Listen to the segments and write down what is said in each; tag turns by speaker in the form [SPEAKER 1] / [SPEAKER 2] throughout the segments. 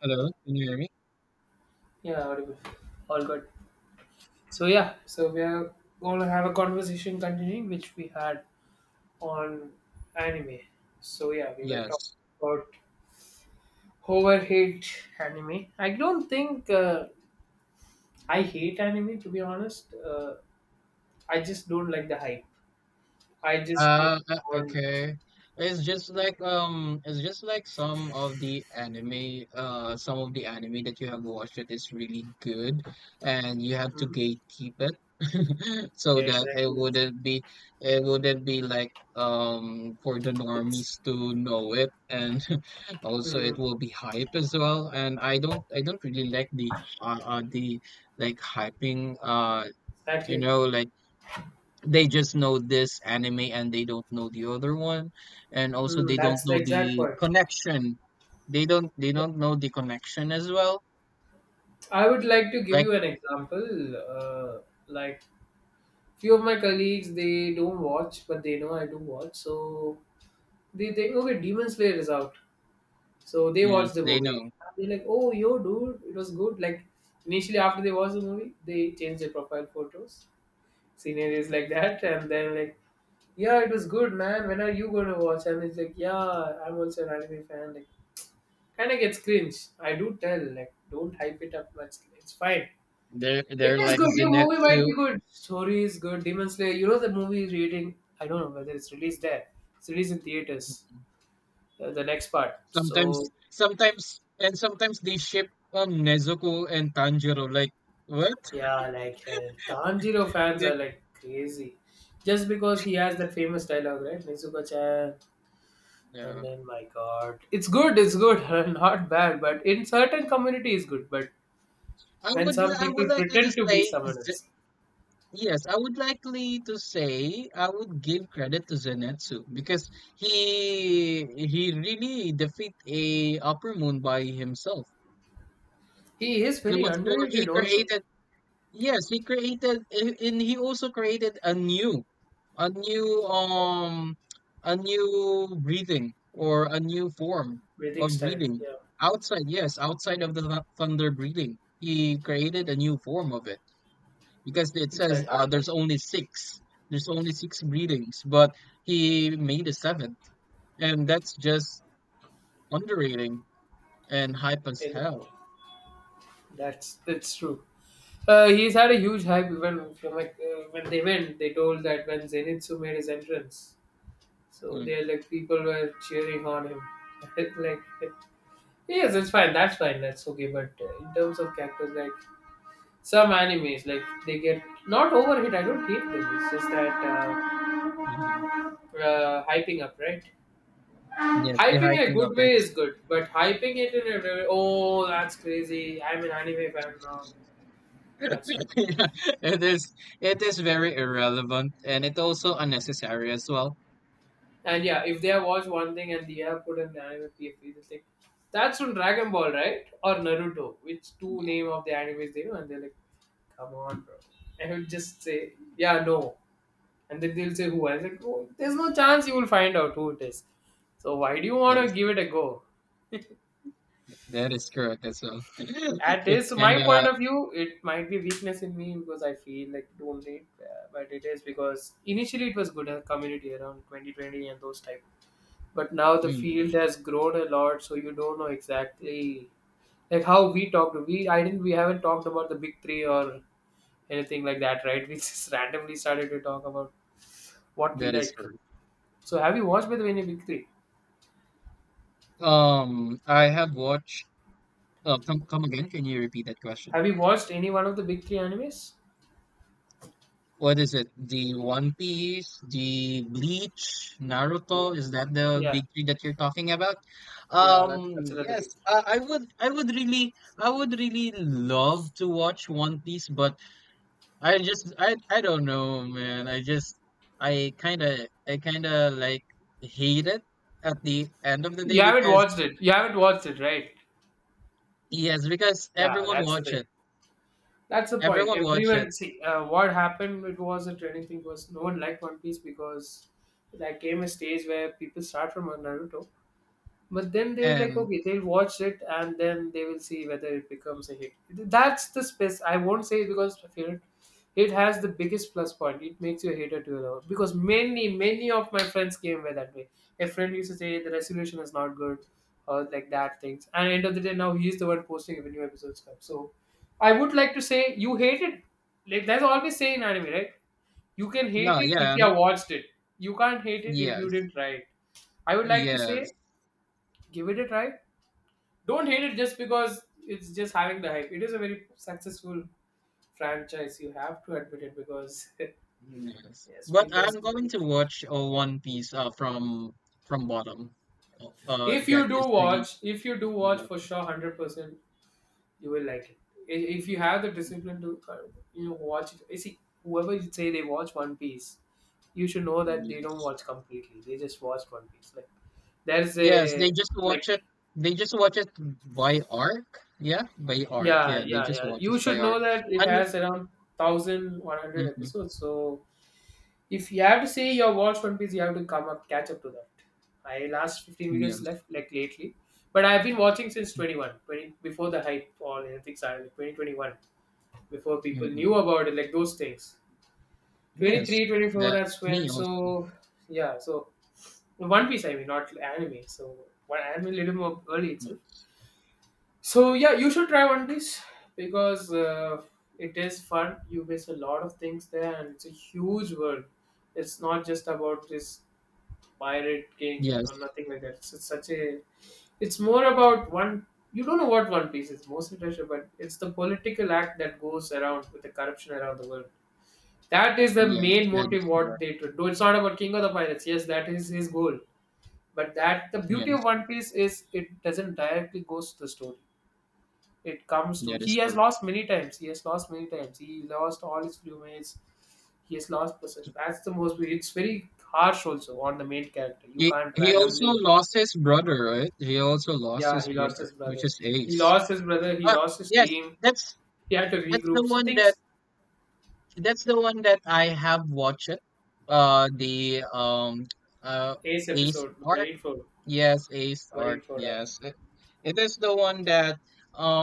[SPEAKER 1] Hello, can you hear me?
[SPEAKER 2] Yeah, audible. All good. So we are going to have a conversation continuing which we had on anime. So yeah, we were talking
[SPEAKER 1] Yes.
[SPEAKER 2] about over hate anime. I don't think I hate anime to be honest. I just don't like the hype. I just don't
[SPEAKER 1] Uh, uh,
[SPEAKER 2] want.
[SPEAKER 1] okay. It's just like some of the anime, some of the anime that you have watched that is really good, and you have to
[SPEAKER 2] Hmm?
[SPEAKER 1] gatekeep it so
[SPEAKER 2] Yeah,
[SPEAKER 1] that
[SPEAKER 2] exactly.
[SPEAKER 1] it wouldn't be like for the
[SPEAKER 2] It's
[SPEAKER 1] normies to know it, and also it
[SPEAKER 2] mm,
[SPEAKER 1] will be hype as well. And I don't really like the uh, uh the like hyping
[SPEAKER 2] exactly.
[SPEAKER 1] like they just know this anime and they don't know the other one, and also
[SPEAKER 2] Mm,
[SPEAKER 1] they don't
[SPEAKER 2] that's the
[SPEAKER 1] know
[SPEAKER 2] exact
[SPEAKER 1] the
[SPEAKER 2] point.
[SPEAKER 1] connection, they
[SPEAKER 2] Yeah.
[SPEAKER 1] don't know the connection as well,
[SPEAKER 2] I would like to give
[SPEAKER 1] like.
[SPEAKER 2] you an example. Like few of my colleagues, they don't watch but they know I do watch, so they think, okay, Demon Slayer is out, so they watch
[SPEAKER 1] Yes,
[SPEAKER 2] the
[SPEAKER 1] they
[SPEAKER 2] movie.
[SPEAKER 1] know.
[SPEAKER 2] They're like, oh yo dude, it was good. Like initially after they watch the movie, they change their profile photos, scenarios like that. And then like, yeah, it was good man, when are you going to watch? And it's like, yeah, I'm also an anime fan, like kind of gets cringe. I do tell like, don't hype it up much, it's fine.
[SPEAKER 1] They're
[SPEAKER 2] It is
[SPEAKER 1] like
[SPEAKER 2] good. Your movie might
[SPEAKER 1] zenetsu
[SPEAKER 2] be good. Story is good. Demon Slayer. You know the movie is reading. I don't know whether it's released there. It's released in theaters. The next part.
[SPEAKER 1] sometimes.
[SPEAKER 2] So
[SPEAKER 1] And sometimes they ship Nezuko and Tanjiro, like what?
[SPEAKER 2] yeah, Tanjiro fans are
[SPEAKER 1] Like,
[SPEAKER 2] like crazy, just because he has that famous dialogue, right? Nezuko-chan. And
[SPEAKER 1] no.
[SPEAKER 2] then my God, it's good. It's good. Not bad. But in certain community, it's good. But when some
[SPEAKER 1] I would
[SPEAKER 2] people
[SPEAKER 1] likely
[SPEAKER 2] pretend
[SPEAKER 1] just
[SPEAKER 2] to be
[SPEAKER 1] say,
[SPEAKER 2] someone else,
[SPEAKER 1] yes, I would likely to say I would give credit to Zenetsu because he really defeat a Upper Moon by himself.
[SPEAKER 2] he is
[SPEAKER 1] And
[SPEAKER 2] very
[SPEAKER 1] what's more,
[SPEAKER 2] underrated.
[SPEAKER 1] he
[SPEAKER 2] Also,
[SPEAKER 1] created, yes, he created, and he also created a new, a new um a new breathing, or a new form
[SPEAKER 2] breathing
[SPEAKER 1] of
[SPEAKER 2] style.
[SPEAKER 1] breathing
[SPEAKER 2] Yeah,
[SPEAKER 1] outside, yes, outside of the thunder breathing. He created a new form of it because it says
[SPEAKER 2] exactly.
[SPEAKER 1] there's only six, greetings, but he made a seventh, and that's just underrating and hype as hell.
[SPEAKER 2] That's true. He's had a huge hype when from when they went, they told that when Zenitsu made his entrance, so
[SPEAKER 1] Mm.
[SPEAKER 2] they like people were cheering on him. Like yes, it's fine, that's okay. But in terms of characters, like some animes, like they get not overhit. I don't hate them. It's just that
[SPEAKER 1] Mhm.
[SPEAKER 2] hyping up, right?
[SPEAKER 1] Yes, they're
[SPEAKER 2] Hyping in a
[SPEAKER 1] hyping up
[SPEAKER 2] good
[SPEAKER 1] it.
[SPEAKER 2] way is good, but hyping it in a very, oh that's crazy, I'm an anime fan now. That's not good.
[SPEAKER 1] Yeah, it is, it is very irrelevant, and it also unnecessary as well.
[SPEAKER 2] And yeah, if there was one thing and they have put an anime PFP, it's like that's from Dragon Ball, right? Or Naruto, which two name of the animes they know, and they're like, come on, bro. And he'll just say, yeah, no. And then they'll say who. I was like, oh, there's no chance you will find out who it is. So why do you want
[SPEAKER 1] that
[SPEAKER 2] to
[SPEAKER 1] is
[SPEAKER 2] give it a go?
[SPEAKER 1] that is correct as well.
[SPEAKER 2] At
[SPEAKER 1] It's,
[SPEAKER 2] is
[SPEAKER 1] and
[SPEAKER 2] my point
[SPEAKER 1] uh,
[SPEAKER 2] of view, it might be weakness in me because I feel like don't need, but it is because initially it was good a community around 2020 and those type, but now the
[SPEAKER 1] mhm,
[SPEAKER 2] field has grown a lot, so you don't know exactly like how we talked. We i didn't we haven't talked about the big three or anything like that, right? We just randomly started to talk about what we
[SPEAKER 1] that is
[SPEAKER 2] like.
[SPEAKER 1] correct.
[SPEAKER 2] So have you watched by the way any big three?
[SPEAKER 1] I have watched, come again, can you repeat that question?
[SPEAKER 2] Have you watched any one of the big three animes?
[SPEAKER 1] What is it? The One Piece, the Bleach,
[SPEAKER 2] Yeah.
[SPEAKER 1] Naruto, is that the
[SPEAKER 2] Yeah.
[SPEAKER 1] big three that you're talking about?
[SPEAKER 2] Yeah, that's another
[SPEAKER 1] Yes,
[SPEAKER 2] big three.
[SPEAKER 1] I would, I would really, I would really love to watch One Piece, but I just, I don't know, man. I just, I kind of I kind of like hate it at the end of the day,
[SPEAKER 2] You haven't
[SPEAKER 1] because
[SPEAKER 2] watched it, you haven't watched it, right?
[SPEAKER 1] yes, because
[SPEAKER 2] Yeah,
[SPEAKER 1] everyone
[SPEAKER 2] that's the
[SPEAKER 1] watch
[SPEAKER 2] thing.
[SPEAKER 1] it.
[SPEAKER 2] That's the point.
[SPEAKER 1] Everyone watch it.
[SPEAKER 2] Everyone, see, what happened, it was a trending thing was no one liked One Piece because there came a stage where people start from Naruto, but then they're like,
[SPEAKER 1] And
[SPEAKER 2] okay, they'll watch it and then they will see whether it becomes a hit. That's the space. I won't say it because of it. It has the biggest plus point. It makes you a hater to a lover. Because many, many of my friends came way that way. A friend used to say the resolution is not good or like that things. And end of the day, now he is the one posting when new episodes come. So I would like to say you hate it. Like that's always say in anime, right? You can hate
[SPEAKER 1] no,
[SPEAKER 2] it if
[SPEAKER 1] yeah,
[SPEAKER 2] you have watched it. You can't hate it if you
[SPEAKER 1] yes.
[SPEAKER 2] didn't try it. I would like to say
[SPEAKER 1] Yes.
[SPEAKER 2] give it a try. Don't hate it just because it's just having the hype. It is a very successful franchise. You have to admit it because
[SPEAKER 1] Yes.
[SPEAKER 2] yes, me
[SPEAKER 1] But I'm
[SPEAKER 2] personally,
[SPEAKER 1] going to watch One Piece from bottom. That is really
[SPEAKER 2] if you do
[SPEAKER 1] from
[SPEAKER 2] watch for
[SPEAKER 1] bottom.
[SPEAKER 2] sure, 100%, you will like it. I- If you have the discipline to watch it. You see, whoever you say they watch One Piece, you should know that they don't
[SPEAKER 1] Yes.
[SPEAKER 2] watch completely. They just watch One Piece. Like there's
[SPEAKER 1] Yes, they
[SPEAKER 2] a
[SPEAKER 1] just watch
[SPEAKER 2] like
[SPEAKER 1] it. They just watch it by arc. Yeah, by arc.
[SPEAKER 2] Yeah,
[SPEAKER 1] Yeah, they
[SPEAKER 2] yeah,
[SPEAKER 1] just
[SPEAKER 2] yeah.
[SPEAKER 1] watch it
[SPEAKER 2] You
[SPEAKER 1] by
[SPEAKER 2] should know
[SPEAKER 1] arc.
[SPEAKER 2] that it
[SPEAKER 1] And
[SPEAKER 2] has around 1100
[SPEAKER 1] mhm,
[SPEAKER 2] episodes. So if you have to say you have watched One Piece, you have to come up, catch up to that. I last 15 minutes
[SPEAKER 1] yes,
[SPEAKER 2] left like lately, but I've been watching since 2120, before the hype or anything started, 2021, before people knew
[SPEAKER 1] hmm,
[SPEAKER 2] about it, like those things. twenty
[SPEAKER 1] yes,
[SPEAKER 2] three twenty four.
[SPEAKER 1] that,
[SPEAKER 2] That's when.
[SPEAKER 1] me also.
[SPEAKER 2] So yeah, so One Piece, I mean, not anime. So one anime a little more early itself. So yeah, you should try One Piece because it is fun. You miss a lot of things there, and it's a huge world. It's not just about this pirate king or
[SPEAKER 1] Yes,
[SPEAKER 2] nothing like that. It's such a. It's more about one. You don't know what One Piece is, mostly treasure, but it's the political act that goes around with the corruption around the world. That is the
[SPEAKER 1] yes,
[SPEAKER 2] main
[SPEAKER 1] that
[SPEAKER 2] motive
[SPEAKER 1] is
[SPEAKER 2] what
[SPEAKER 1] correct.
[SPEAKER 2] they to do. Though it's not about King of the Pirates. Yes, that is his goal. But that the beauty of
[SPEAKER 1] Yes,
[SPEAKER 2] One Piece is it doesn't directly goes to the story. It comes to
[SPEAKER 1] that
[SPEAKER 2] he
[SPEAKER 1] is
[SPEAKER 2] has
[SPEAKER 1] correct.
[SPEAKER 2] lost many times. He has lost many times. He lost all his crewmates. He has lost person. That's the most. It's very harsh also on the main character. You can't
[SPEAKER 1] He also
[SPEAKER 2] randomly.
[SPEAKER 1] lost his brother, right? He also lost
[SPEAKER 2] Yeah,
[SPEAKER 1] his
[SPEAKER 2] he lost his
[SPEAKER 1] brother, which
[SPEAKER 2] brother.
[SPEAKER 1] is
[SPEAKER 2] He
[SPEAKER 1] Ace.
[SPEAKER 2] lost his brother. He
[SPEAKER 1] Uh,
[SPEAKER 2] lost his
[SPEAKER 1] yes,
[SPEAKER 2] team.
[SPEAKER 1] that's
[SPEAKER 2] He had to
[SPEAKER 1] that's
[SPEAKER 2] regroup.
[SPEAKER 1] the
[SPEAKER 2] So
[SPEAKER 1] one that,
[SPEAKER 2] things.
[SPEAKER 1] that's the one that I have watched. The uh
[SPEAKER 2] Ace
[SPEAKER 1] Ace
[SPEAKER 2] episode,
[SPEAKER 1] Arc.
[SPEAKER 2] Marineford,
[SPEAKER 1] Yes, Ace Arc.
[SPEAKER 2] Marineford Arc.
[SPEAKER 1] Yes, it is the one that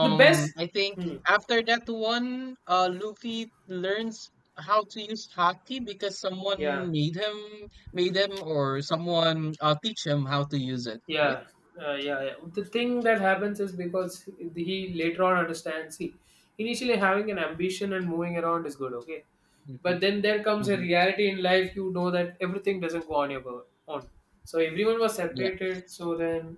[SPEAKER 2] The best.
[SPEAKER 1] I think
[SPEAKER 2] Hmm,
[SPEAKER 1] after that one, Luffy learns how to use hockey because
[SPEAKER 2] yeah.
[SPEAKER 1] someone made him, or someone teach him how to use it, right?
[SPEAKER 2] Yeah, yeah. The thing that happens is because he later on understands. See, initially having an ambition and moving around is good, okay,
[SPEAKER 1] Hmm.
[SPEAKER 2] but then there comes a
[SPEAKER 1] Hmm.
[SPEAKER 2] reality in life. You know that everything doesn't go on your go- on. So everyone was
[SPEAKER 1] Yeah.
[SPEAKER 2] separated. So then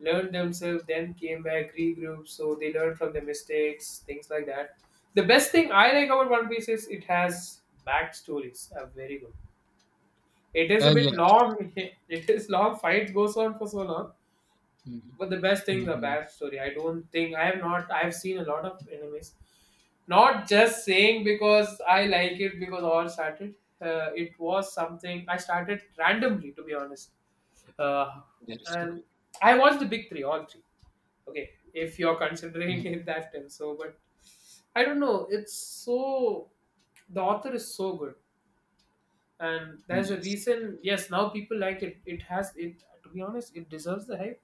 [SPEAKER 2] learned themselves, then came back, regrouped. So they learned from their mistakes, things like that. The best thing I like about One Piece is it has backstories. Are very good. It is a bit
[SPEAKER 1] Yes.
[SPEAKER 2] long. It is long. Fight goes on for so long,
[SPEAKER 1] Hmm.
[SPEAKER 2] but the best thing the
[SPEAKER 1] Hmm.
[SPEAKER 2] backstory. I have seen a lot of animes, not just saying because I like it because all started. It was something I started randomly to be honest. uh,
[SPEAKER 1] That is
[SPEAKER 2] and
[SPEAKER 1] correct.
[SPEAKER 2] I watched the big three, all three, okay, if you're considering
[SPEAKER 1] Mm-hmm.
[SPEAKER 2] it that term. So but I don't know, it's so the author is so good, and there's a
[SPEAKER 1] Yes,
[SPEAKER 2] reason. Yes, now people like it. It has it, to be honest, it deserves the hype.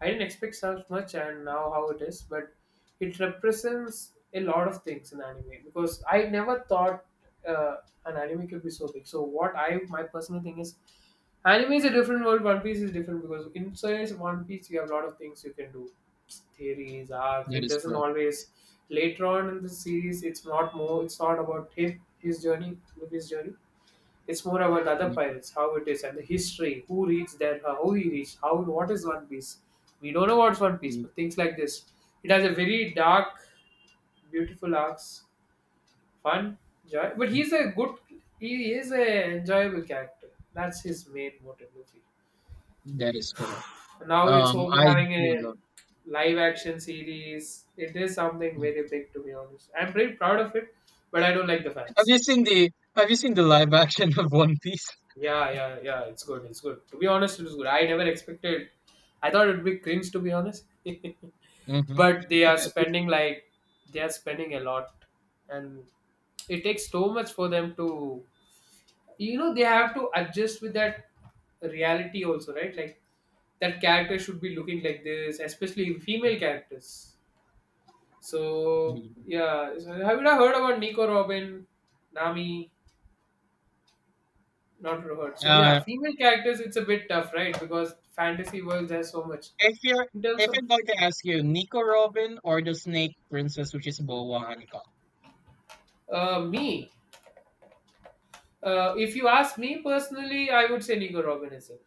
[SPEAKER 2] I didn't expect so much and now how it is, but it represents a lot of things in anime because I never thought uh, an anime could be so big. So what I my personal thing is, anime is a different world. One Piece is different because inside One Piece you have a lot of things you can do, theories, arcs.
[SPEAKER 1] that
[SPEAKER 2] It
[SPEAKER 1] is
[SPEAKER 2] doesn't
[SPEAKER 1] correct.
[SPEAKER 2] always, later on in the series, it's not more, it's not about him, his journey with his journey. It's more about the other
[SPEAKER 1] Mm,
[SPEAKER 2] pirates, how it is, and the history, who reads there, how he reached, how what is One Piece. We don't know what's One Piece,
[SPEAKER 1] mm,
[SPEAKER 2] but things like this. It has a very dark, beautiful arcs, fun, joy. But
[SPEAKER 1] mm,
[SPEAKER 2] he's a good, he is a enjoyable character. That's his main motive, Luffy.
[SPEAKER 1] that is correct.
[SPEAKER 2] Now it's over
[SPEAKER 1] I do
[SPEAKER 2] having a
[SPEAKER 1] love.
[SPEAKER 2] live action series. It is something very
[SPEAKER 1] Mm.
[SPEAKER 2] big, to be honest. I'm very proud of it, but I don't like the
[SPEAKER 1] Have
[SPEAKER 2] fans.
[SPEAKER 1] you seen the, have you seen the live action of One Piece?
[SPEAKER 2] Yeah. It's good. It's good. To be honest, it's good. I never expected. I thought it'd be cringe, to be honest.
[SPEAKER 1] Hmm.
[SPEAKER 2] But they are spending like they are spending a lot, and it takes so much for them to. You know, they have to adjust with that reality also, right? Like that character should be looking like this, especially female characters. So yeah, so have you ever heard about Nico Robin, Nami? Not Robert. So yeah,
[SPEAKER 1] Uh,
[SPEAKER 2] female characters it's a bit tough, right? Because fantasy worlds has so much.
[SPEAKER 1] if you're
[SPEAKER 2] In terms
[SPEAKER 1] if
[SPEAKER 2] of
[SPEAKER 1] I'm going to ask you, Nico Robin or the Snake Princess, which is Boa Hancock?
[SPEAKER 2] me, if you ask me personally, I would say Nico Robin is it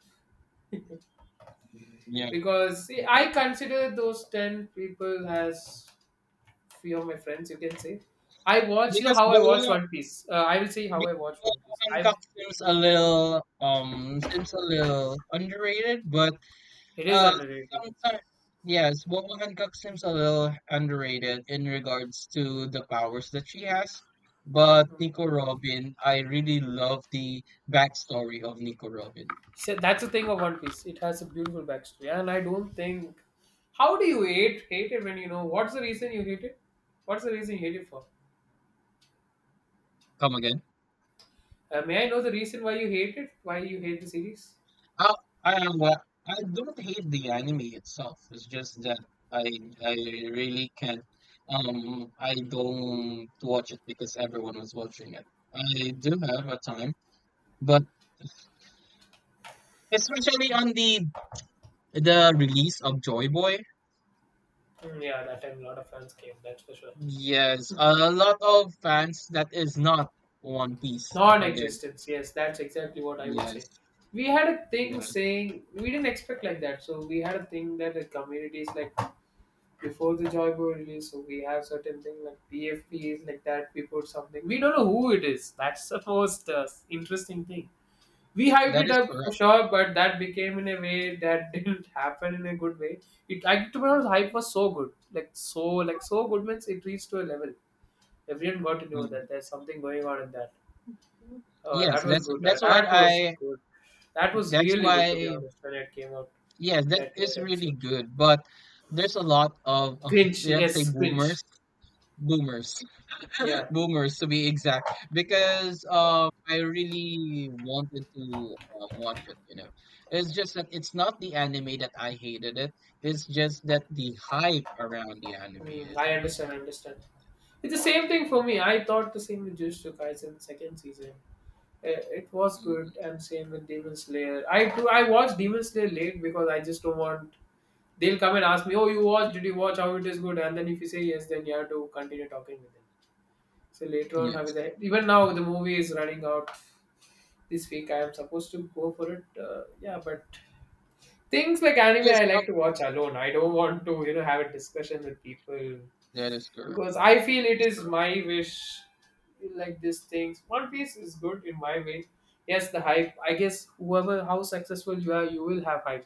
[SPEAKER 1] Yeah,
[SPEAKER 2] because see, I
[SPEAKER 1] correct.
[SPEAKER 2] consider those 10 people as few of my friends. You can say I watch. You know
[SPEAKER 1] Because
[SPEAKER 2] how I watch
[SPEAKER 1] Boa,
[SPEAKER 2] One Piece. I will say how I
[SPEAKER 1] because
[SPEAKER 2] watch One
[SPEAKER 1] Boa
[SPEAKER 2] Piece. I
[SPEAKER 1] Hancock seems a little underrated, but
[SPEAKER 2] It is
[SPEAKER 1] Uh,
[SPEAKER 2] underrated.
[SPEAKER 1] sometimes, yes, Boba Hancock seems a little underrated in regards to the powers that she has. But
[SPEAKER 2] Hmm.
[SPEAKER 1] Nico Robin, I really love the backstory of Nico Robin.
[SPEAKER 2] So that's the thing of One Piece. It has a beautiful backstory, and I don't think. How do you hate it when you know what's the reason you hate it? What's the reason you hate it for?
[SPEAKER 1] Come again?
[SPEAKER 2] May I know the reason why you hate it? Why you hate the series?
[SPEAKER 1] Uh, I am what, I don't hate the anime itself. It's just that I I really can't. I don't watch it because everyone was watching it. I do have a time, but especially on the release of Joy Boy.
[SPEAKER 2] Hmm, yeah, that time a lot of fans came. That's for sure.
[SPEAKER 1] Yes, a lot of fans that is not One Piece are there.
[SPEAKER 2] Non-existence. Yes, that's exactly what I would say.
[SPEAKER 1] Yes,
[SPEAKER 2] We had a thing
[SPEAKER 1] yes,
[SPEAKER 2] saying we didn't expect like that. So we had a thing that the community is like before the Joybo release, so we have certain things like PFPs like that. We put something. We don't know who it is. That's the most interesting thing. We hyped
[SPEAKER 1] that
[SPEAKER 2] it
[SPEAKER 1] is
[SPEAKER 2] up for
[SPEAKER 1] correct.
[SPEAKER 2] sure, but that became in a way that didn't happen in a good way. I, to be honest, hype was so good, like so good means it reached to a level. Everyone got to know
[SPEAKER 1] Mm.
[SPEAKER 2] that there's something going on in that. That
[SPEAKER 1] Yes,
[SPEAKER 2] was good.
[SPEAKER 1] that's why
[SPEAKER 2] That was
[SPEAKER 1] I,
[SPEAKER 2] good. That was
[SPEAKER 1] that's
[SPEAKER 2] really good, to be
[SPEAKER 1] why,
[SPEAKER 2] honest, when it came out.
[SPEAKER 1] yes, that
[SPEAKER 2] That eight
[SPEAKER 1] is really
[SPEAKER 2] episodes.
[SPEAKER 1] good. But there's a lot of
[SPEAKER 2] Cringe.
[SPEAKER 1] let's say
[SPEAKER 2] Yes, cringe.
[SPEAKER 1] boomers, boomers
[SPEAKER 2] Yeah.
[SPEAKER 1] boomers, to be exact, because I really wanted to watch it. You know, it's just that it's not the anime that I hated it. It's just that the hype around the anime
[SPEAKER 2] Mm,
[SPEAKER 1] is.
[SPEAKER 2] I understand. It's the same thing for me. I thought the same with Jujutsu Kaisen second season. It was good,
[SPEAKER 1] Mhm.
[SPEAKER 2] and same with Demon Slayer. I watched Demon Slayer late because I just don't want. They'll come and ask me, "Oh, you watched? Did you watch? How it is good?" And then if you say yes, then you have to continue talking with them. So later on, how is
[SPEAKER 1] Yes.
[SPEAKER 2] that? Even now, the movie is running out this week. I am supposed to go for it. Yeah, but things like anime,
[SPEAKER 1] Yes.
[SPEAKER 2] I
[SPEAKER 1] Oh,
[SPEAKER 2] like to watch alone. I don't want to, have a discussion with people
[SPEAKER 1] that is correct.
[SPEAKER 2] because I feel
[SPEAKER 1] That
[SPEAKER 2] it
[SPEAKER 1] is
[SPEAKER 2] is
[SPEAKER 1] correct.
[SPEAKER 2] my wish like these things. One Piece is good in my way. Yes, the hype. I guess whoever how successful you are, you will have hype.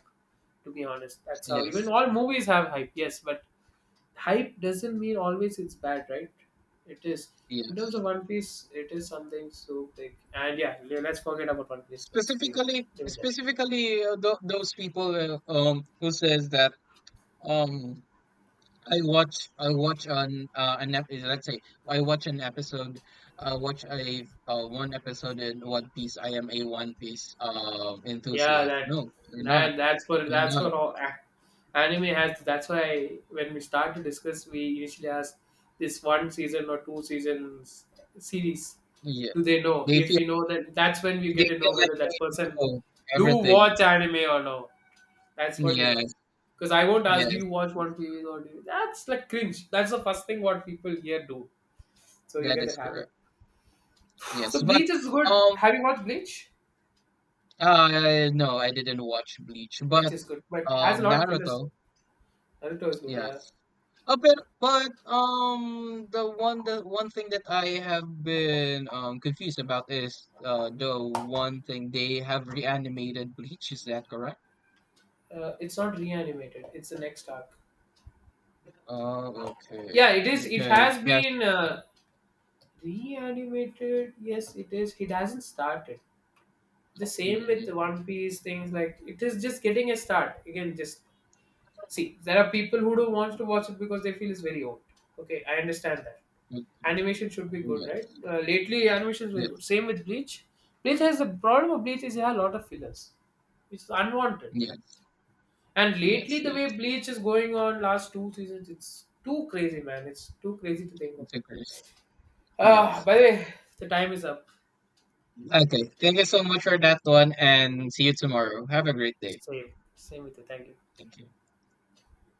[SPEAKER 2] To be honest, that's how even
[SPEAKER 1] Yes.
[SPEAKER 2] all movies have hype. Yes, but hype doesn't mean always it's bad, right? It is, in terms
[SPEAKER 1] Yes.
[SPEAKER 2] of One Piece, it is something so big. And yeah, let's forget about One Piece. Let's leave it. Leave it there.
[SPEAKER 1] Specifically those people who says that um, I watch on let's say I watch an episode, watch a one episode in One Piece. I am a One Piece
[SPEAKER 2] Yeah,
[SPEAKER 1] enthusiast.
[SPEAKER 2] that
[SPEAKER 1] No, you're not.
[SPEAKER 2] that that's for
[SPEAKER 1] You're
[SPEAKER 2] that's
[SPEAKER 1] not.
[SPEAKER 2] for all anime has. That's why when we start to discuss, we initially ask this one season or two seasons series.
[SPEAKER 1] Yeah.
[SPEAKER 2] Do they know?
[SPEAKER 1] They
[SPEAKER 2] If
[SPEAKER 1] feel,
[SPEAKER 2] we know that, that's when we get to know
[SPEAKER 1] like
[SPEAKER 2] whether
[SPEAKER 1] they
[SPEAKER 2] that person
[SPEAKER 1] know
[SPEAKER 2] do
[SPEAKER 1] everything.
[SPEAKER 2] watch anime or no. That's what you know.
[SPEAKER 1] Yes,
[SPEAKER 2] Because I won't ask, do
[SPEAKER 1] yes,
[SPEAKER 2] you watch one series or do you? That's like cringe. That's the first thing what people here do. So you
[SPEAKER 1] that
[SPEAKER 2] get the
[SPEAKER 1] is
[SPEAKER 2] habit.
[SPEAKER 1] correct.
[SPEAKER 2] So
[SPEAKER 1] Yes. But
[SPEAKER 2] Bleach is good.
[SPEAKER 1] um
[SPEAKER 2] Have you watched Bleach?
[SPEAKER 1] no, I didn't watch Bleach,
[SPEAKER 2] Bleach
[SPEAKER 1] but
[SPEAKER 2] is good, but has a lot of fillers
[SPEAKER 1] Naruto,
[SPEAKER 2] though. Naruto is good, yeah.
[SPEAKER 1] yes. A bit, but the one thing that I have been confused about is the one thing they have reanimated Bleach. Is that correct?
[SPEAKER 2] It's not reanimated. It's the next arc.
[SPEAKER 1] Oh, okay.
[SPEAKER 2] Yeah, it is. It
[SPEAKER 1] Because
[SPEAKER 2] has
[SPEAKER 1] yes,
[SPEAKER 2] been reanimated. Yes, it is. It hasn't started. The same with
[SPEAKER 1] mm,
[SPEAKER 2] the One Piece things. Like it is just getting a start. Again, just see. There are people who don't want to watch it because they feel it's very old. Okay, I understand that.
[SPEAKER 1] mm,
[SPEAKER 2] Animation should be good, right?
[SPEAKER 1] yes,
[SPEAKER 2] Lately, animation is very
[SPEAKER 1] yes,
[SPEAKER 2] good. Same with Bleach. Bleach has the problem of Bleach is it has a lot of fillers. It's unwanted.
[SPEAKER 1] yes,
[SPEAKER 2] And lately,
[SPEAKER 1] yes.
[SPEAKER 2] the way
[SPEAKER 1] That's,
[SPEAKER 2] Bleach is going on last two seasons, it's too crazy, man. It's too crazy to think of
[SPEAKER 1] it's a
[SPEAKER 2] it.
[SPEAKER 1] curse.
[SPEAKER 2] Ah,
[SPEAKER 1] Yes.
[SPEAKER 2] by the way, the time is up.
[SPEAKER 1] Okay. Thank you so much for that one, and see you tomorrow. Have a great day.
[SPEAKER 2] Same, same with you. Thank you.
[SPEAKER 1] Thank you.